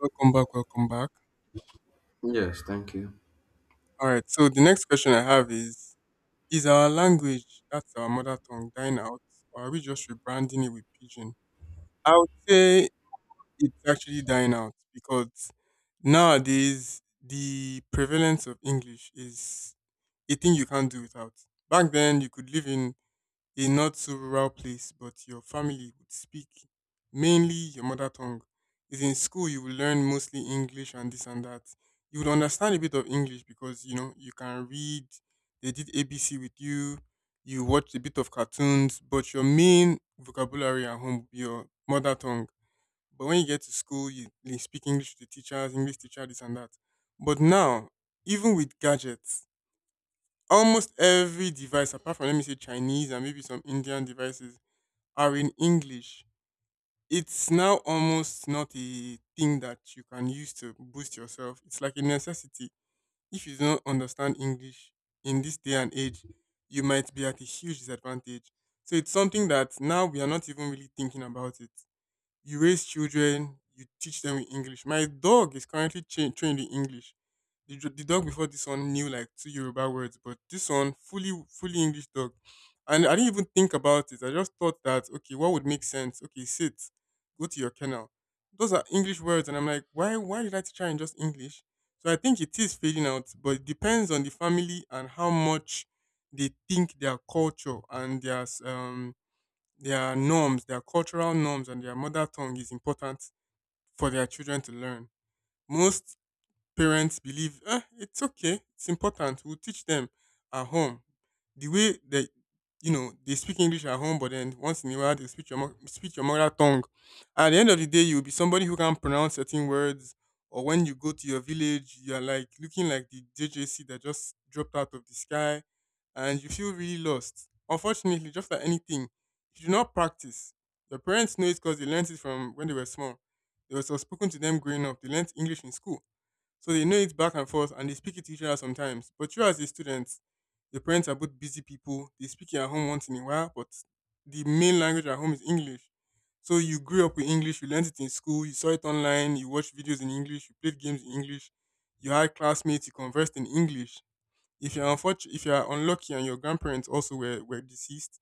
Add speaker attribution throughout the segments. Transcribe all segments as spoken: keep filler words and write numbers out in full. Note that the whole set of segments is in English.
Speaker 1: Welcome back, welcome back.
Speaker 2: Yes, thank you.
Speaker 1: All right, so the next question I have is: is our language, that's our mother tongue, dying out, or are we just rebranding it with Pidgin? I would say it's actually dying out because nowadays the prevalence of English is a thing you can't do without. Back then, you could live in a not so rural place, but your family would speak mainly your mother tongue. Is in school you will learn mostly English and this and that. You would understand a bit of English because you know you can read. They did A B C with you. You watched a bit of cartoons, but your main vocabulary at home would be your mother tongue. But when you get to school, you, you speak English to teachers, English teacher, this and that. But now, even with gadgets, almost every device apart from let me say Chinese and maybe some Indian devices are in English. It's now almost not a thing that you can use to boost yourself. It's like a necessity. If you don't understand English in this day and age, you might be at a huge disadvantage. So it's something that now we are not even really thinking about it. You raise children, you teach them in English. My dog is currently cha- trained in English. The, dr- the dog before this one knew like two Yoruba words, but this one fully fully English dog. And I didn't even think about it. I just thought that, okay, what would make sense? Okay, sit, go to your kennel. Those are English words, and I'm like, why why did I teach her in just English? So I think it is fading out, but it depends on the family and how much they think their culture and their um their norms, their cultural norms, and their mother tongue is important for their children to learn. Most parents believe, eh, it's okay, it's important. We'll teach them at home. The way that you know they speak English at home, but then once in a while they speak your mo- speak your mother tongue. At the end of the day, you'll be somebody who can pronounce certain words. Or when you go to your village, you're like looking like the J J C that just dropped out of the sky, and you feel really lost. Unfortunately, just like anything, if you do not practice, your parents know it because they learned it from when they were small. It was spoken to them growing up. They learned English in school so they know it back and forth and they speak it to each other sometimes. But you as a student, your parents are both busy people. They speak it at home once in a while, but the main language at home is English. So you grew up with English, you learned it in school, you saw it online, you watched videos in English, you played games in English, you had classmates, you conversed in English. If you're unfortunate, if you're unlucky and your grandparents also were, were deceased,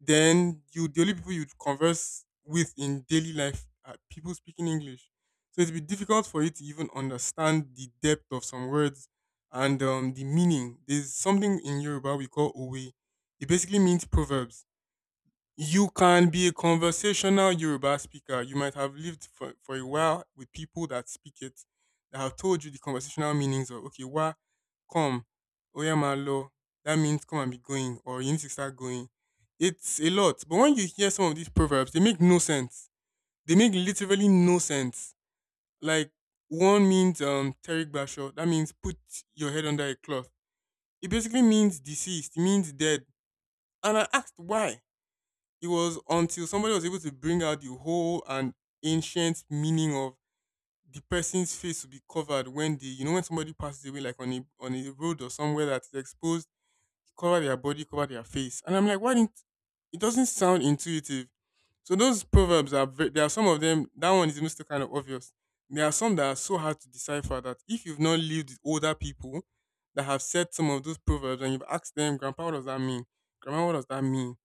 Speaker 1: then you the only people you converse with in daily life are people speaking English. So it'd be difficult for you to even understand the depth of some words and um, the meaning. There's something in Yoruba we call owe. It basically means proverbs. You can be a conversational Yoruba speaker. You might have lived for, for a while with people that speak it, that have told you the conversational meanings of, okay, wa, come, oyamalo, that means come and be going, or you need to start going. It's a lot. But when you hear some of these proverbs, they make no sense. They make literally no sense. Like, one means um, Terry Basho, that means put your head under a cloth. It basically means deceased, it means dead. And I asked why. It was until somebody was able to bring out the whole and ancient meaning of the person's face to be covered when they, you know, when somebody passes away, like on a on a road or somewhere that's exposed, cover their body, cover their face. And I'm like, why didn't it doesn't sound intuitive. So those proverbs are ve- there are some of them. That one is most kind of obvious. There are some that are so hard to decipher that if you've not lived with older people that have said some of those proverbs and you've asked them, Grandpa, what does that mean? Grandma, what does that mean?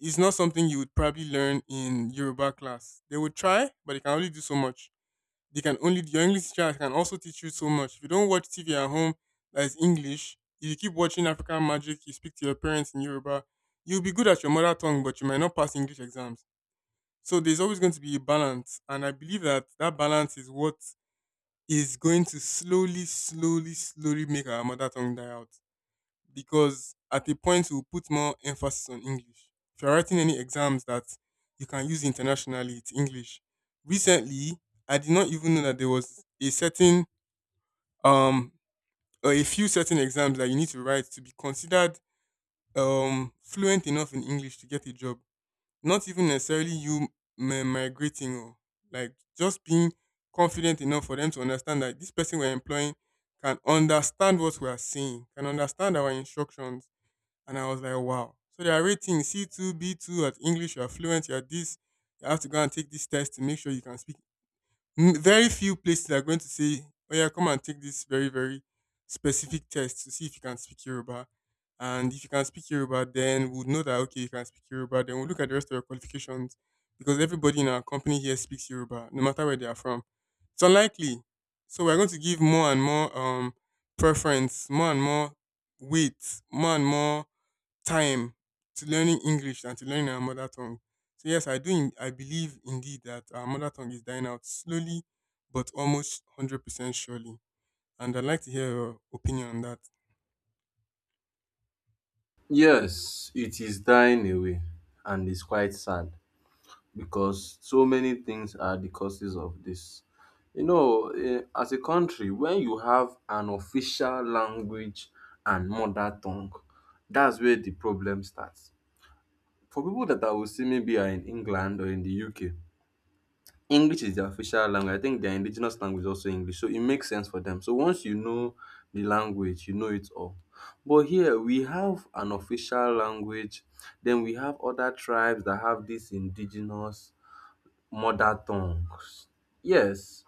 Speaker 1: It's not something you would probably learn in Yoruba class. They would try, but they can only do so much. They can only Your English teacher can also teach you so much. If you don't watch T V at home that is English, if you keep watching African Magic, you speak to your parents in Yoruba, you'll be good at your mother tongue, but you might not pass English exams. So there's always going to be a balance, and I believe that that balance is what is going to slowly, slowly, slowly make our mother tongue die out because at a point we'll put more emphasis on English. If you're writing any exams that you can use internationally, it's English. Recently, I did not even know that there was a certain um or a few certain exams that you need to write to be considered um fluent enough in English to get a job. Not even necessarily you mi- migrating or like just being confident enough for them to understand that this person we're employing can understand what we are saying, can understand our instructions. And I was like, wow. So they are rating C two, B two at English, you're fluent, you're this, you have to go and take this test to make sure you can speak. N- Very few places are going to say, oh yeah, come and take this very, very specific test to see if you can speak Yoruba. And if you can speak Yoruba, then we'll know that, okay, you can speak Yoruba. Then we'll look at the rest of your qualifications because everybody in our company here speaks Yoruba, no matter where they are from. It's unlikely. So we're going to give more and more um, preference, more and more weight, more and more time to learning English than to learning our mother tongue. So yes, I do. In, I believe indeed that our mother tongue is dying out slowly, but almost hundred percent surely. And I'd like to hear your opinion on that.
Speaker 2: Yes, it is dying away, and it's quite sad because so many things are the causes of this. You know, eh, as a country, when you have an official language and mother tongue, that's where the problem starts. For people that I will see maybe are in England or in the U K, English is their official language. I think their indigenous language is also English, so it makes sense for them. So once you know the language, you know it all. But here we have an official language, then we have other tribes that have these indigenous mother tongues. Yes,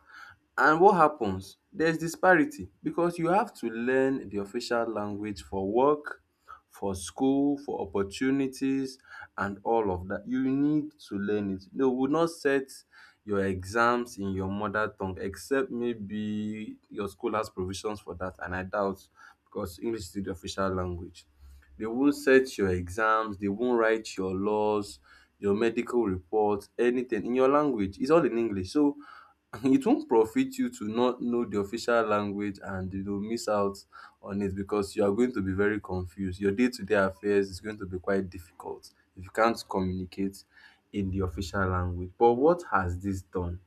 Speaker 2: and what happens? There's disparity because you have to learn the official language for work, for school, for opportunities, and all of that. You need to learn it. They will not set your exams in your mother tongue, except maybe your school has provisions for that, and I doubt, because English is the official language. They won't set your exams, they won't write your laws, your medical reports, anything in your language. It's all in English. So it won't profit you to not know the official language and you will miss out on it because you are going to be very confused. Your day to day affairs is going to be quite difficult if you can't communicate in the official language. But what has this done?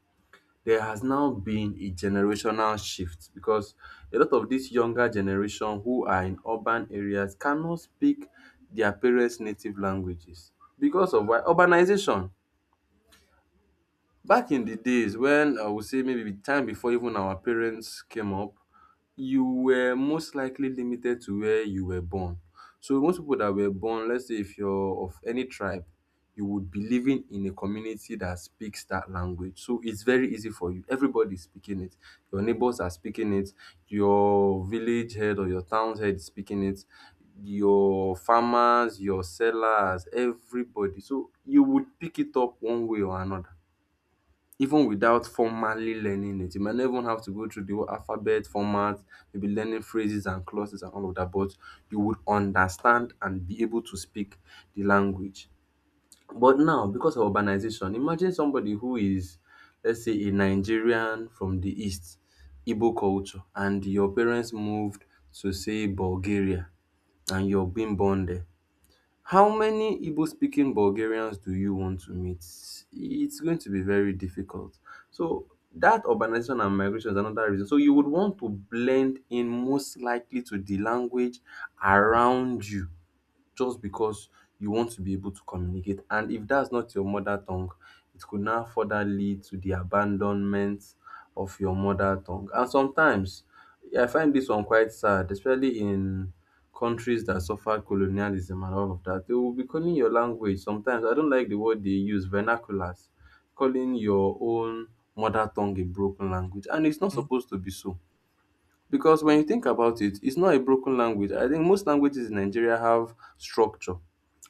Speaker 2: There has now been a generational shift because a lot of this younger generation who are in urban areas cannot speak their parents' native languages because of why? Urbanization. Back in the days when I would say maybe the time before even our parents came up, you were most likely limited to where you were born. So most people that were born, let's say if you're of any tribe, you would be living in a community that speaks that language. So it's very easy for you. Everybody is speaking it. Your neighbors are speaking it. Your village head or your town head is speaking it. Your farmers, your sellers, everybody. So you would pick it up one way or another even without formally learning it. You might not even have to go through the whole alphabet format, maybe learning phrases and clauses and all of that, but you would understand and be able to speak the language. But now, because of urbanization, imagine somebody who is, let's say, a Nigerian from the East, Igbo culture, and your parents moved to, say, Bulgaria, and you're being born there. How many Igbo speaking Bulgarians do you want to meet? It's going to be very difficult. So that urbanization and migration is another reason. So you would want to blend in, most likely, to the language around you just because you want to be able to communicate. And if that's not your mother tongue, it could now further lead to the abandonment of your mother tongue. And sometimes I find this one quite sad, especially in countries that suffered colonialism and all of that. They will be calling your language sometimes, I don't like the word they use, vernaculars, calling your own mother tongue a broken language. And it's not
Speaker 1: Mm.
Speaker 2: supposed to be so. Because when you think about it, it's not a broken language. I think most languages in Nigeria have structure.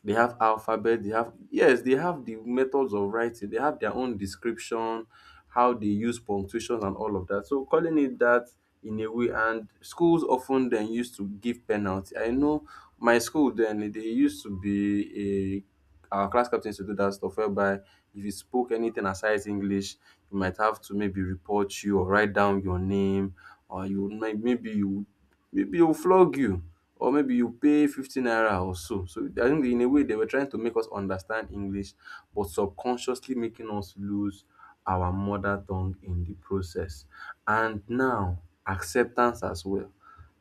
Speaker 2: They have alphabet, they have, yes, they have the methods of writing, they have their own description, how they use punctuations and all of that. So calling it that, in a way, and schools often then used to give penalty. I know my school then, they used to be a, our class captain used to do that stuff whereby if you spoke anything aside English, you might have to maybe report you or write down your name, or you might, maybe you, maybe they will flog you or maybe you pay fifty naira or so. So I think in a way they were trying to make us understand English but subconsciously making us lose our mother tongue in the process. And now acceptance as well.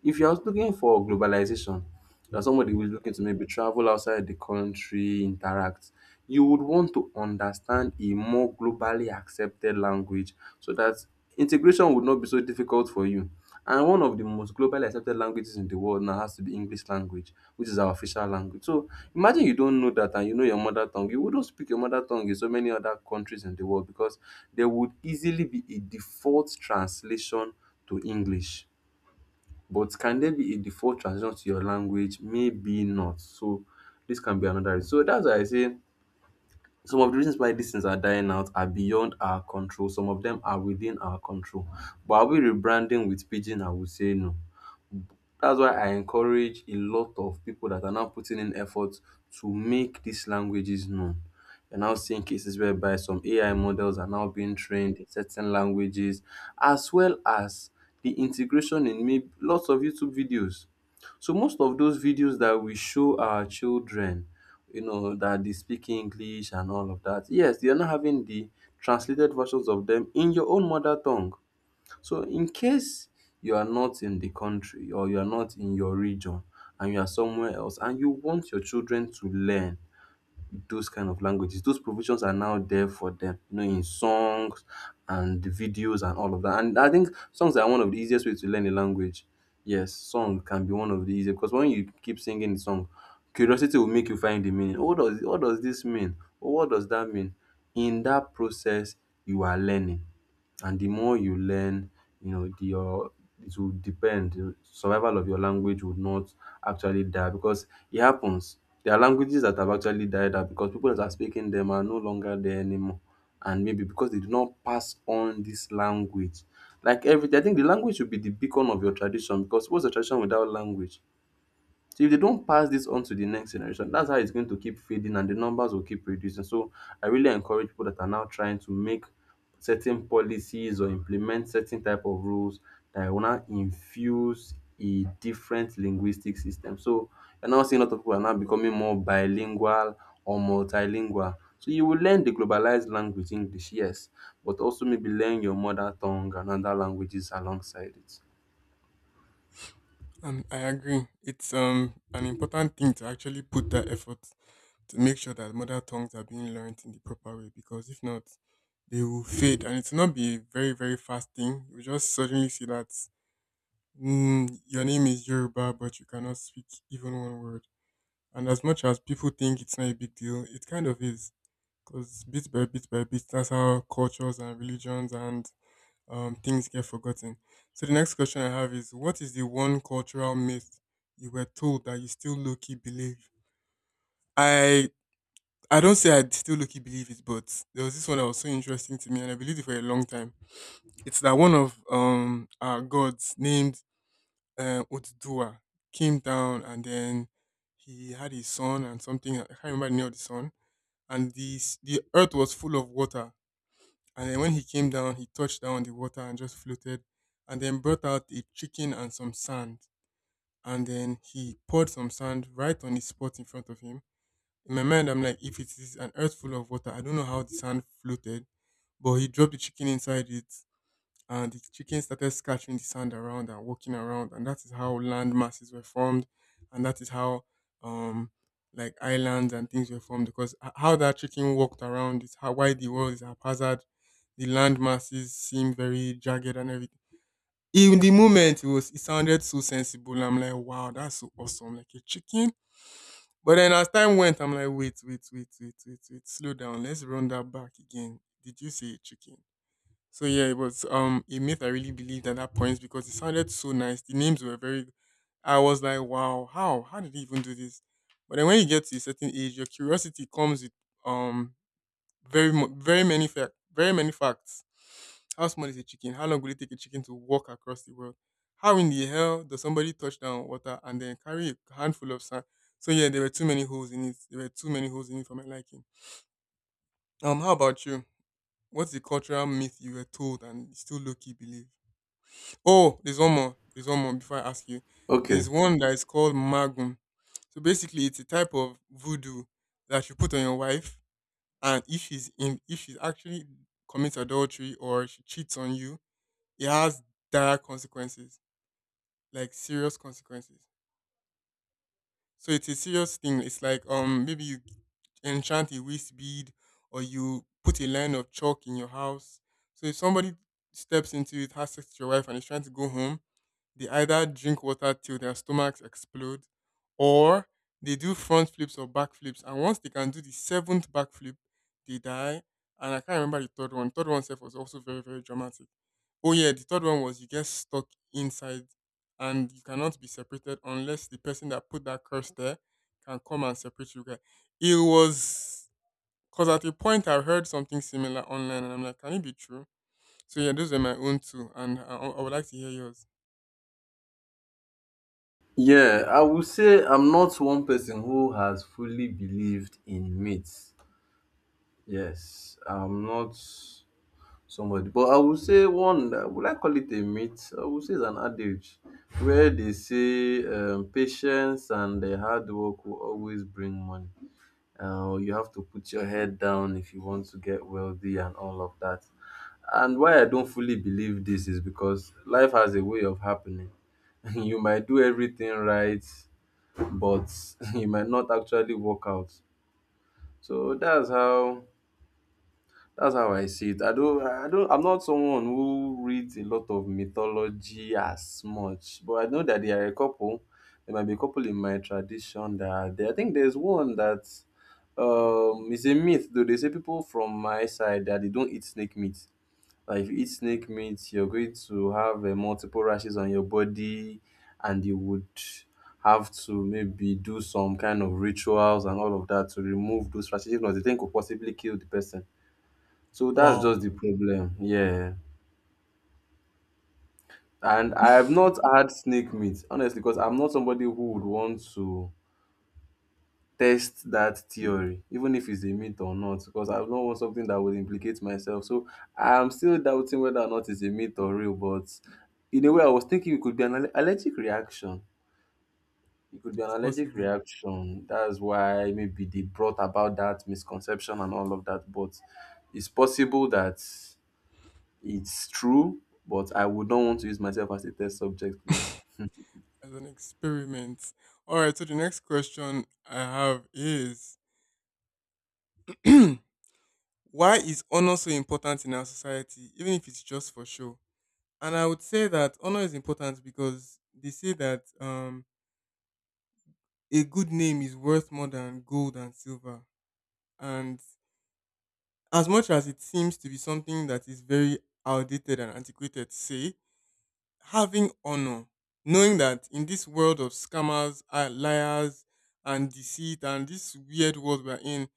Speaker 2: If you're looking for globalization, you're somebody who is looking to maybe travel outside the country, interact, you would want to understand a more globally accepted language so that integration would not be so difficult for you. And one of the most globally accepted languages in the world now has to be English language, which is our official language. So imagine you don't know that and you know your mother tongue. You wouldn't speak your mother tongue in so many other countries in the world because there would easily be a default translation to English. But can there be a default translation to your language? Maybe not. So this can be another reason. So that's why I say some of the reasons why these things are dying out are beyond our control. Some of them are within our control. But are we rebranding with pidgin? I would say no. That's why I encourage a lot of people that are now putting in effort to make these languages known. You're now seeing cases whereby some A I models are now being trained in certain languages, as well as the integration in maybe lots of YouTube videos. So most of those videos that we show our children, you know, that they speak English and all of that, yes, they are not having the translated versions of them in your own mother tongue. So in case you are not in the country or you are not in your region and you are somewhere else and you want your children to learn those kind of languages, those provisions are now there for them, you know, in songs and videos and all of that. And I think songs are one of the easiest ways to learn a language. Yes, song can be one of the easiest because when you keep singing the song, curiosity will make you find the meaning. What does what does this mean? Or what does that mean? In that process, you are learning, and the more you learn, you know, the, your it will depend. The survival of your language would not actually die, because it happens. There are languages that have actually died out because people that are speaking them are no longer there anymore. And maybe because they do not pass on this language. Like everything, I think the language should be the beacon of your tradition, because what's a tradition without language? So if they don't pass this on to the next generation, that's how it's going to keep fading and the numbers will keep reducing. So I really encourage people that are now trying to make certain policies or implement certain type of rules that will now infuse a different linguistic system. So you're now seeing a lot of people are now becoming more bilingual or multilingual. So you will learn the globalized language English, yes, but also maybe learn your mother tongue and other languages alongside it.
Speaker 1: Um, I agree. It's um an important thing to actually put that effort to make sure that mother tongues are being learned in the proper way because if not, they will fade and it will not be a very, very fast thing. You just suddenly see that mm, your name is Yoruba but you cannot speak even one word. And as much as people think it's not a big deal, it kind of is. Because bit by bit by bit, that's how cultures and religions and um, things get forgotten. So the next question I have is: what is the one cultural myth you were told that you still low key believe? I I don't say I still low key believe it, but there was this one that was so interesting to me and I believed it for a long time. It's that one of um our gods named uh, Otuduwa came down and then he had his son and something. I can't remember the name of the son and the s- the earth was full of water. And then when he came down, he touched down the water and just floated, and then brought out a chicken and some sand, and then he poured some sand right on the spot in front of him. In my mind, I'm like, if it is an earth full of water, I don't know how the sand floated, but he dropped the chicken inside it, and the chicken started scattering the sand around and walking around, and that is how land masses were formed, and that is how um like islands and things were formed because h- how that chicken walked around is how why the world is haphazard, the land masses seem very jagged and everything. In the moment, it was, it sounded so sensible. I'm like, wow, that's so awesome, like a chicken. But then as time went, I'm like, wait, wait, wait, wait, wait, wait, slow down, let's run that back again, did you say a chicken? So yeah, it was um a myth I really believed at that point because it sounded so nice. The names were very I was like, wow, how? How did they even do this? But then when you get to a certain age, your curiosity comes with um very mu- very many fact very many facts. How small is a chicken? How long will it take a chicken to walk across the world? How in the hell does somebody touch down water and then carry a handful of sand? So yeah, there were too many holes in it. There were too many holes in it for my liking. Um, how about you? What's the cultural myth you were told and you still low key believe? Oh, there's one more. There's one more before I ask you.
Speaker 2: Okay.
Speaker 1: There's one that is called Magum. So basically, it's a type of voodoo that you put on your wife, and if she's in, if she's actually commits adultery or she cheats on you, it has dire consequences, like serious consequences. So it's a serious thing. It's like um maybe you enchant a waste bead or you put a line of chalk in your house. So if somebody steps into it, has sex with your wife, and is trying to go home, they either drink water till their stomachs explode or they do front flips or back flips. And once they can do the seventh back flip, they die. And I can't remember the third one. Third one self was also very, very dramatic. Oh yeah, the third one was you get stuck inside and you cannot be separated unless the person that put that curse there can come and separate you guys. It was because at a point I heard something similar online and I'm like, can it be true? So yeah, those are my own two and I, I would like to hear yours.
Speaker 2: Yeah, I would say I'm not one person who has fully believed in myths. Yes, I'm not somebody, but I would say one. uh, Would I call it a myth? I would say it's an adage where they say um, patience and the hard work will always bring money. Uh, you have to put your head down if you want to get wealthy and all of that. And why I don't fully believe this is because life has a way of happening. You might do everything right, but it might not actually work out. So that's how, that's how I see it. I don't I don't I'm not someone who reads a lot of mythology as much, but I know that there are a couple. There might be a couple in my tradition that are there. I think there's one that um is a myth though. They say people from my side that they don't eat snake meat. Like if you eat snake meat, you're going to have uh, multiple rashes on your body, and you would have to maybe do some kind of rituals and all of that to remove those rashes. If not, the thing could possibly kill the person. So that's
Speaker 1: Wow.
Speaker 2: just the problem. Yeah. And I have not
Speaker 1: It's
Speaker 2: had snake meat, honestly, because I'm not somebody who would want to test that theory, even if it's a myth or not, because I don't want something that would implicate myself. So I'm still doubting whether or not it's a myth or real, but in a way I was thinking it could be an alle- allergic reaction. It could be an allergic
Speaker 1: possible
Speaker 2: reaction. That's why maybe they brought about that misconception and all of that. But it's possible that it's true, but I would not want to use myself as a test subject, please.
Speaker 1: as an experiment. All right, so the next question I have is why is honor so important in our society, even if it's just for show? And I would say that honor is important because they say that um, a good name is worth more than gold and silver. And as much as it seems to be something that is very outdated and antiquated to say, having honor, knowing that in this world of scammers, uh, liars, and deceit, and this weird world we're in,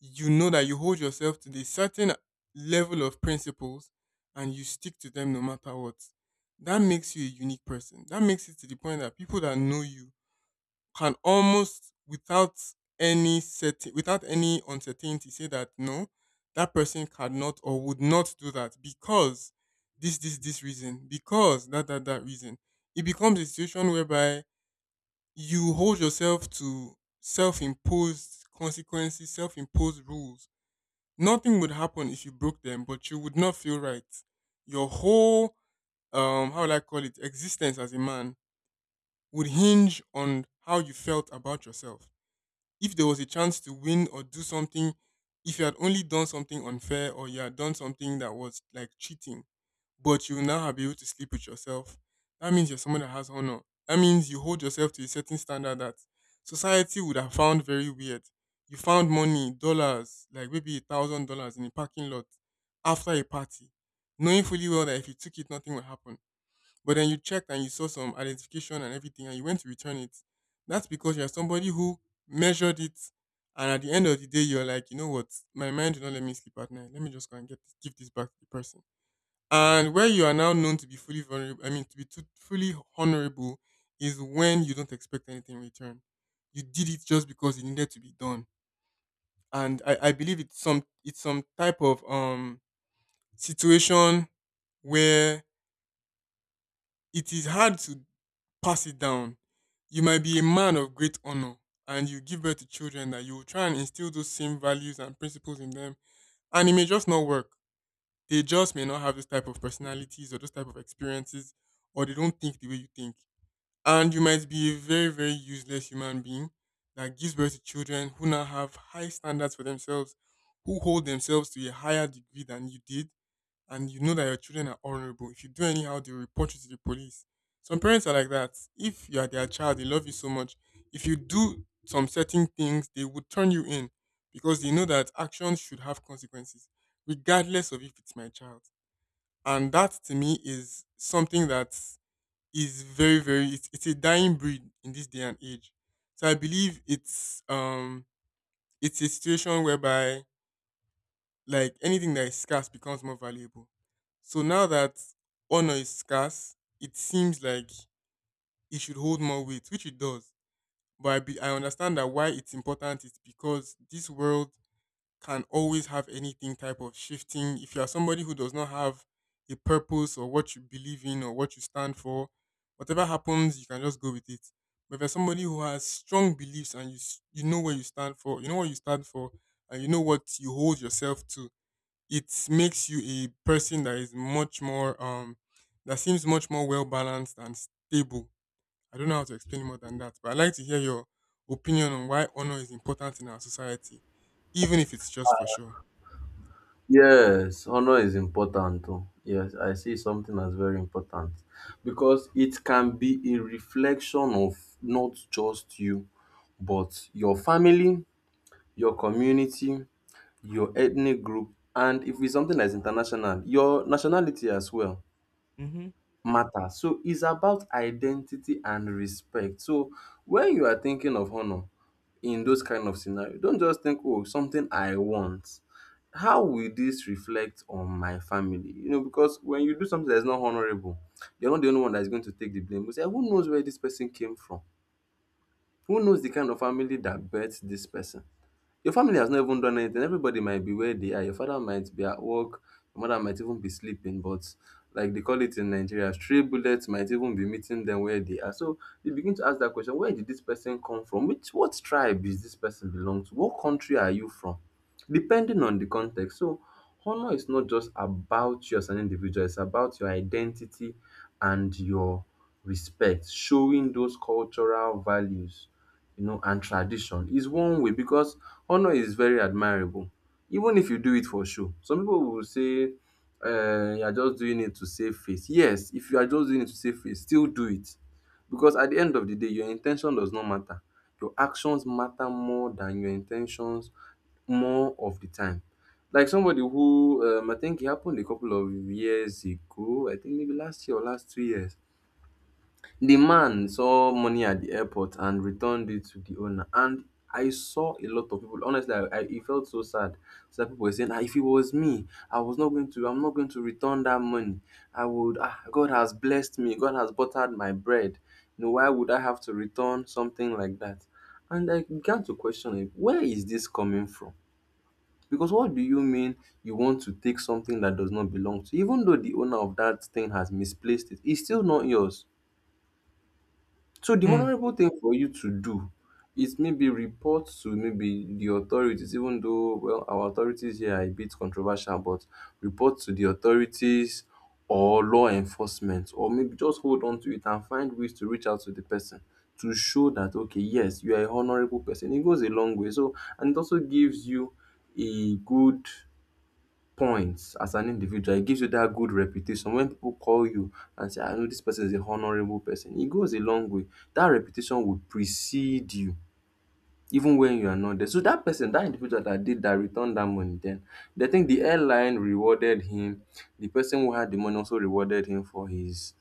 Speaker 1: you know that you hold yourself to the certain level of principles and you stick to them no matter what. That makes you a unique person. That makes it to the point that people that know you can almost without any set without any uncertainty say that no, that person cannot or would not do that because this this this reason, because that that that reason. It becomes a situation whereby you hold yourself to self-imposed consequences, self-imposed rules. Nothing would happen if you broke them, but you would not feel right. Your whole um how would I call it, existence as a man, would hinge on how you felt about yourself. If there was a chance to win or do something, if you had only done something unfair or you had done something that was like cheating, but you now have been able to sleep with yourself, that means you're someone that has honor. That means you hold yourself to a certain standard that society would have found very weird. You found money, dollars, like maybe a thousand dollars in a parking lot after a party, knowing fully well that if you took it, nothing would happen. But then you checked and you saw some identification and everything and you went to return it. That's because you're somebody who measured it, and at the end of the day you're like, you know what, my mind did not let me sleep at night. Let me just go and get this, give this back to the person. And where you are now known to be fully vulnerable, I mean to be too, fully honorable is when you don't expect anything in return. You did it just because it needed to be done. And I, I believe it's some it's some type of um situation where it is hard to pass it down. You might be a man of great honor and you give birth to children that you will try and instill those same values and principles in them, and it may just not work. They just may not have this type of personalities or those type of experiences, or they don't think the way you think. And you might be a very, very useless human being that gives birth to children who now have high standards for themselves, who hold themselves to a higher degree than you did, and you know that your children are honorable. If you do anyhow, they'll report you to the police. Some parents are like that. If you are their child, they love you so much. If you do some certain things, they would turn you in because they know that actions should have consequences, regardless of if it's my child. And that to me is something that is very, very it's, it's a dying breed in this day and age. So I believe it's um it's a situation whereby, like anything that is scarce becomes more valuable. So now that honor is scarce, it seems like it should hold more weight, which it does. But I, be, I understand that why it's important is because this world can always have anything type of shifting. If you are somebody who does not have a purpose or what you believe in or what you stand for, whatever happens, you can just go with it. But if you're somebody who has strong beliefs and you s- you know where you stand for, you know what you stand for, and you know what you hold yourself to, it makes you a person that is much more um that seems much more well balanced and stable. I don't know how to explain more than that, but I'd like to hear your opinion on why honor is important in our society, even if it's just for show.
Speaker 2: Yes, honor is important. Oh. Yes, I see something as very important because it can be a reflection of not just you, but your family, your community, your ethnic group, and if it's something that's international, your nationality as well
Speaker 1: Hmm.
Speaker 2: matter. So it's about identity and respect. So when you are thinking of honor in those kind of scenario, don't just think, oh, something I want. How will this reflect on my family? You know, because when you do something that's not honorable, you're not the only one that's going to take the blame. You say, who knows where this person came from? Who knows the kind of family that birthed this person? Your family has not even done anything. Everybody might be where they are. Your father might be at work. Your mother might even be sleeping. But like they call it in Nigeria, stray bullets might even be meeting them where they are. So you begin to ask that question: where did this person come from? Which what tribe is this person belong to? What country are you from? Depending on the context. So honor is not just about you as an individual. It's about your identity and your respect, showing those cultural values, you know, and tradition is one way because honor is very admirable even if you do it for show. Some people will say um you are just doing it to save face. Yes, if you are just doing it to save face, still do it because at the end of the day your in ten tion does not matter. Your actions matter more than your in ten tions more of the time. Like somebody who um I think e happen a couple of years ago, I think maybe last year or last two years. The man saw money at the airport and returned it to the owner. And I saw a lot of people. Honestly, I, I it felt so sad. So that people were saying, ah, if it was me, I was not going to, I'm not going to return that money. I would, ah, God has blessed me. God has buttered my bread. You know, why would I have to return something like that? And I began to question it. Where is this coming from? Because what do you mean you want to take something that does not belong to you? Even though the owner of that thing has misplaced it, it's still not yours. So the
Speaker 1: Hmm.
Speaker 2: honorable thing for you to do is maybe report to maybe the authorities, even though well our authorities here are a bit controversial, but report to the authorities or law enforcement, or maybe just hold on to it and find ways to reach out to the person to show that okay, yes, you are a honorable person. It goes a long way. So and it also gives you a good points as an individual. It gives you that good reputation. When people call you and say, I know this person is a honourable person, it goes a long way. That reputation will precede you even when you are not there. So that person, that individual that did that, returned that money then. They think the airline rewarded him. The person who had the money also rewarded him for his,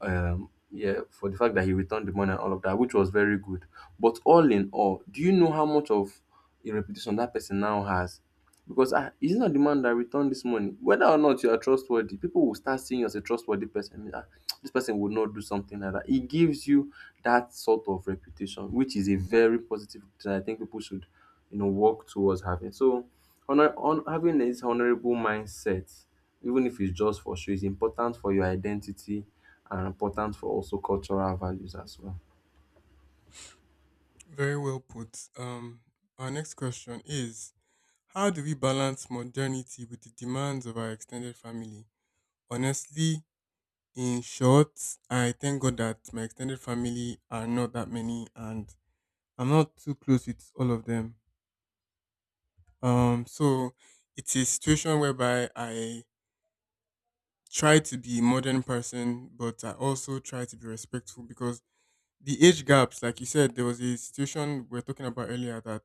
Speaker 2: um, yeah, for the fact that he returned the money and all of that, which was very good. But all in all, do you know how much of a reputation that person now has? Because ah, he's not the man that returned this money. Whether or not you are trustworthy, people will start seeing you as a trustworthy person. Ah, this person would not do something like that. It gives you that sort of reputation, which is a very positive that I think people should, you know, work towards having. So, honor, on having this honorable mindset, even if it's just for show, is important for your identity and important for also cultural values as well.
Speaker 1: Very well put. Um, our next question is, how do we balance modernity with the demands of our extended family? Honestly, in short, I thank God that my extended family are not that many and I'm not too close with all of them. Um, so it's a situation whereby I try to be a modern person, but I also try to be respectful because the age gaps, like you said, there was a situation we were talking about earlier that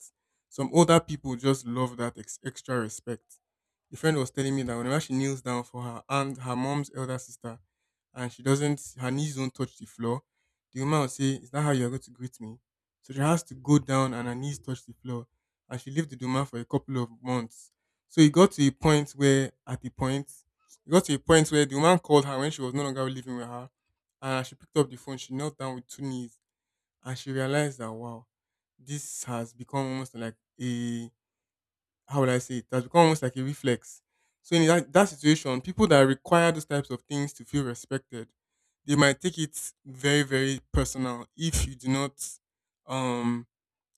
Speaker 1: some older people just love that ex- extra respect. A friend was telling me that whenever she kneels down for her aunt, her mom's elder sister, and she doesn't, her knees don't touch the floor, the woman will say, "Is that how you're going to greet me?" So she has to go down, and her knees touch the floor, and she lived with the woman for a couple of months. So it got to a point where, at the point, it got to a point where the woman called her when she was no longer living with her, and as she picked up the phone, she knelt down with two knees, and she realized that wow, this has become almost like a how would I say it? It has become almost like a reflex. So in that, that situation, people that require those types of things to feel respected, they might take it very, very personal if you do not um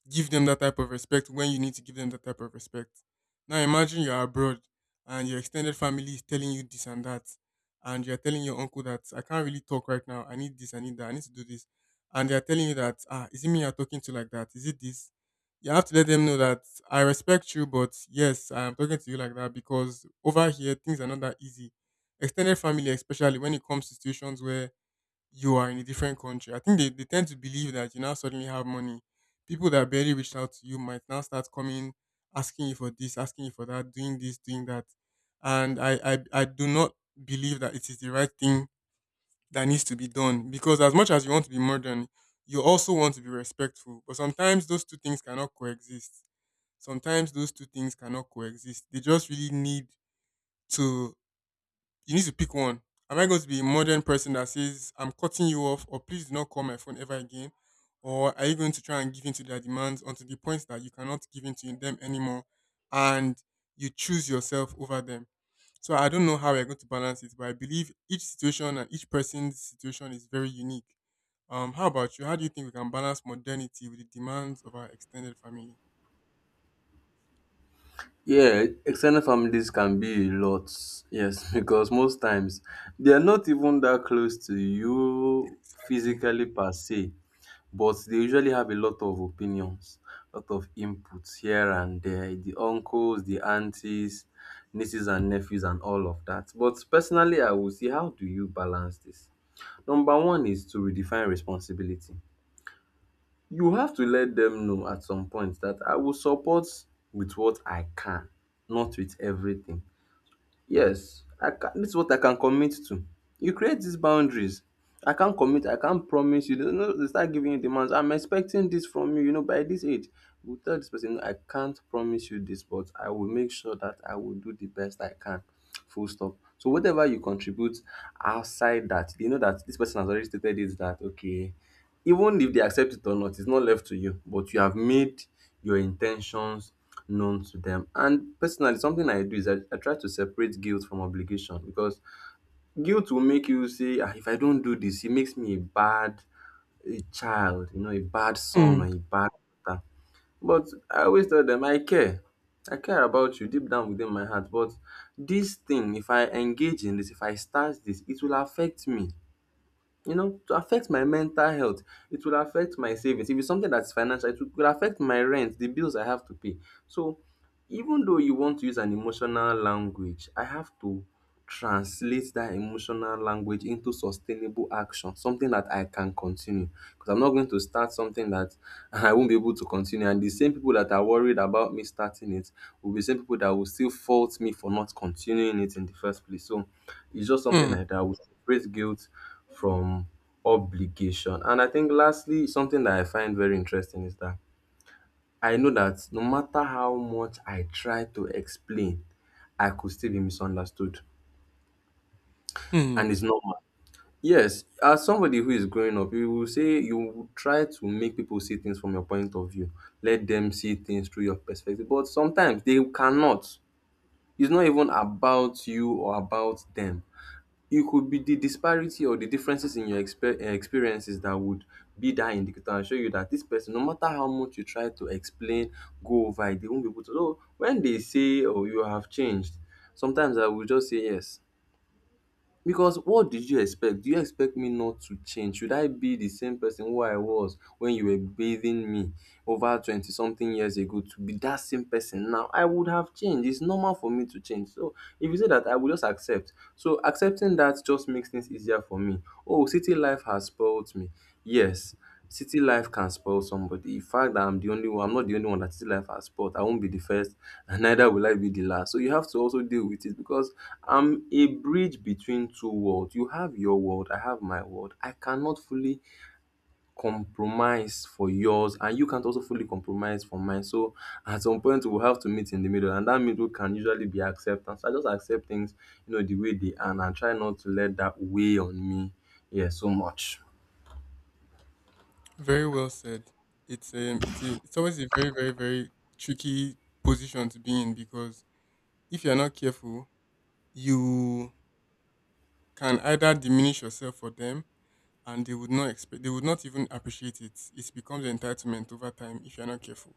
Speaker 1: give them that type of respect when you need to give them that type of respect. Now imagine you're abroad and your extended family is telling you this and that, and you're telling your uncle that I can't really talk right now. I need this, I need that, I need to do this. And they're telling you that, ah, is it me you're talking to like that? Is it this? You have to let them know that I respect you, but yes, I'm talking to you like that because over here things are not that easy. Extended family, especially when it comes to situations where you are in a different country. I think they, they tend to believe that you now suddenly have money. People that barely reached out to you might now start coming, asking you for this, asking you for that, doing this, doing that. And I, I, I do not believe that it is the right thing that needs to be done because as much as you want to be modern, you also want to be respectful. But sometimes those two things cannot coexist. Sometimes those two things cannot coexist. They just really need to you need to pick one. Am I going to be a modern person that says, I'm cutting you off, or please do not call my phone ever again? Or are you going to try and give in to their demands until the point that you cannot give in to them anymore and you choose yourself over them? So I don't know how we're going to balance it, but I believe each situation and each person's situation is very unique. Um, how about you? How do you think we can balance modernity with the demands of our extended family?
Speaker 2: Yeah, extended families can be a lot. Yes, because most times they are not even that close to you
Speaker 1: Exactly.
Speaker 2: physically per se, but they usually have a lot of opinions, a lot of inputs here and there, the uncles, the aunties, nieces and nephews and all of that. But personally, I would say, how do you balance this? Number one is to redefine responsibility. You have to let them know at some point that I will support with what I can, not with everything. Yes, I can, this is what I can commit to. You create these boundaries. I can't commit, I can't promise you. You know, they start giving you demands. I'm expecting this from you, you know, by this age. You tell this person, "No, I can't promise you this, but I will make sure that I will do the best I can. Full stop." So whatever you contribute outside that, they know that this person has already stated it that okay, even if they accept it or not, it's not left to you, but you have made your intentions known to them. And personally, something I do is i, I try to separate guilt from obligation, because guilt will make you say ah, if I don't do this it makes me a bad a child, you know, a bad son or
Speaker 1: Hmm.
Speaker 2: a bad daughter. But I always tell them I care, I care about you deep down within my heart, but this thing, if I engage in this, if I start this, it will affect me, you know, to affect my mental health. It will affect my savings. If it's something that's financial, it will- could affect my rent, the bills I have to pay. So even though you want to use an emotional language, I have to translate that emotional language into sustainable action, something that I can continue, because I'm not going to start something that I won't be able to continue, and the same people that are worried about me starting it will be the same people that will still fault me for not continuing it in the first place. So it's just something
Speaker 1: Hmm.
Speaker 2: like that, we separate guilt from obligation. And I think lastly something that I find very interesting is that I know that no matter how much I try to explain, I could still be misunderstood.
Speaker 1: Hmm.
Speaker 2: And it's normal. Yes, as somebody who is growing up, you will say you will try to make people see things from your point of view. Let them see things through your perspective. But sometimes they cannot. It's not even about you or about them. It could be the disparity or the differences in your exper eh, experiences that would be that indicator and show you that this person, no matter how much you try to explain, go over it, they won't be able to. So when they say, "Oh, you have changed," sometimes I will just say yes. Because what did you expect? Do you expect me not to change? Should I be the same person who I was when you were bathing me over twenty something years ago to be that same person now? I would have changed. It's normal for me to change. So if you say that, I will just accept. So accepting that just makes things easier for me. Oh, city life has spoiled me. Yes. City life can spoil somebody. The fact that I'm the only one, I'm not the only one that city life has spoiled. I won't be the first, and neither will I be the last. So you have to also deal with it because I'm a bridge between two worlds. You have your world, I have my world. I cannot fully compromise for yours, and you can't also fully compromise for mine. So at some point, we'll have to meet in the middle, and that middle can usually be acceptance. I just accept things, you know, the way they are, and I try not to let that weigh on me, yeah, so much.
Speaker 1: Very well said. It's um, it's a, it's always a very very very tricky position to be in because if you're not careful, you can either diminish yourself for them, and they would not expect, they would not even appreciate it. It becomes entitlement over time if you're not careful.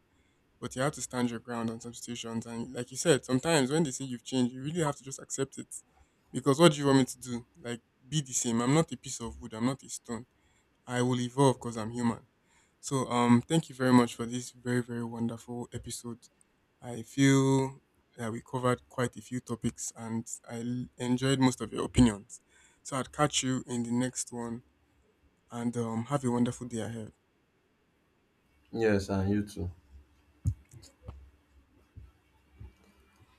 Speaker 1: But you have to stand your ground on some situations, and like you said, sometimes when they say you've changed, you really have to just accept it, because what do you want me to do? Like be the same. I'm not a piece of wood. I'm not a stone. I will evolve because I'm human. So um, thank you very much for this very very wonderful episode. I feel that we covered quite a few topics and I l- enjoyed most of your opinions. So I'd catch you in the next one and um, have a wonderful day ahead.
Speaker 2: Yes, and you too.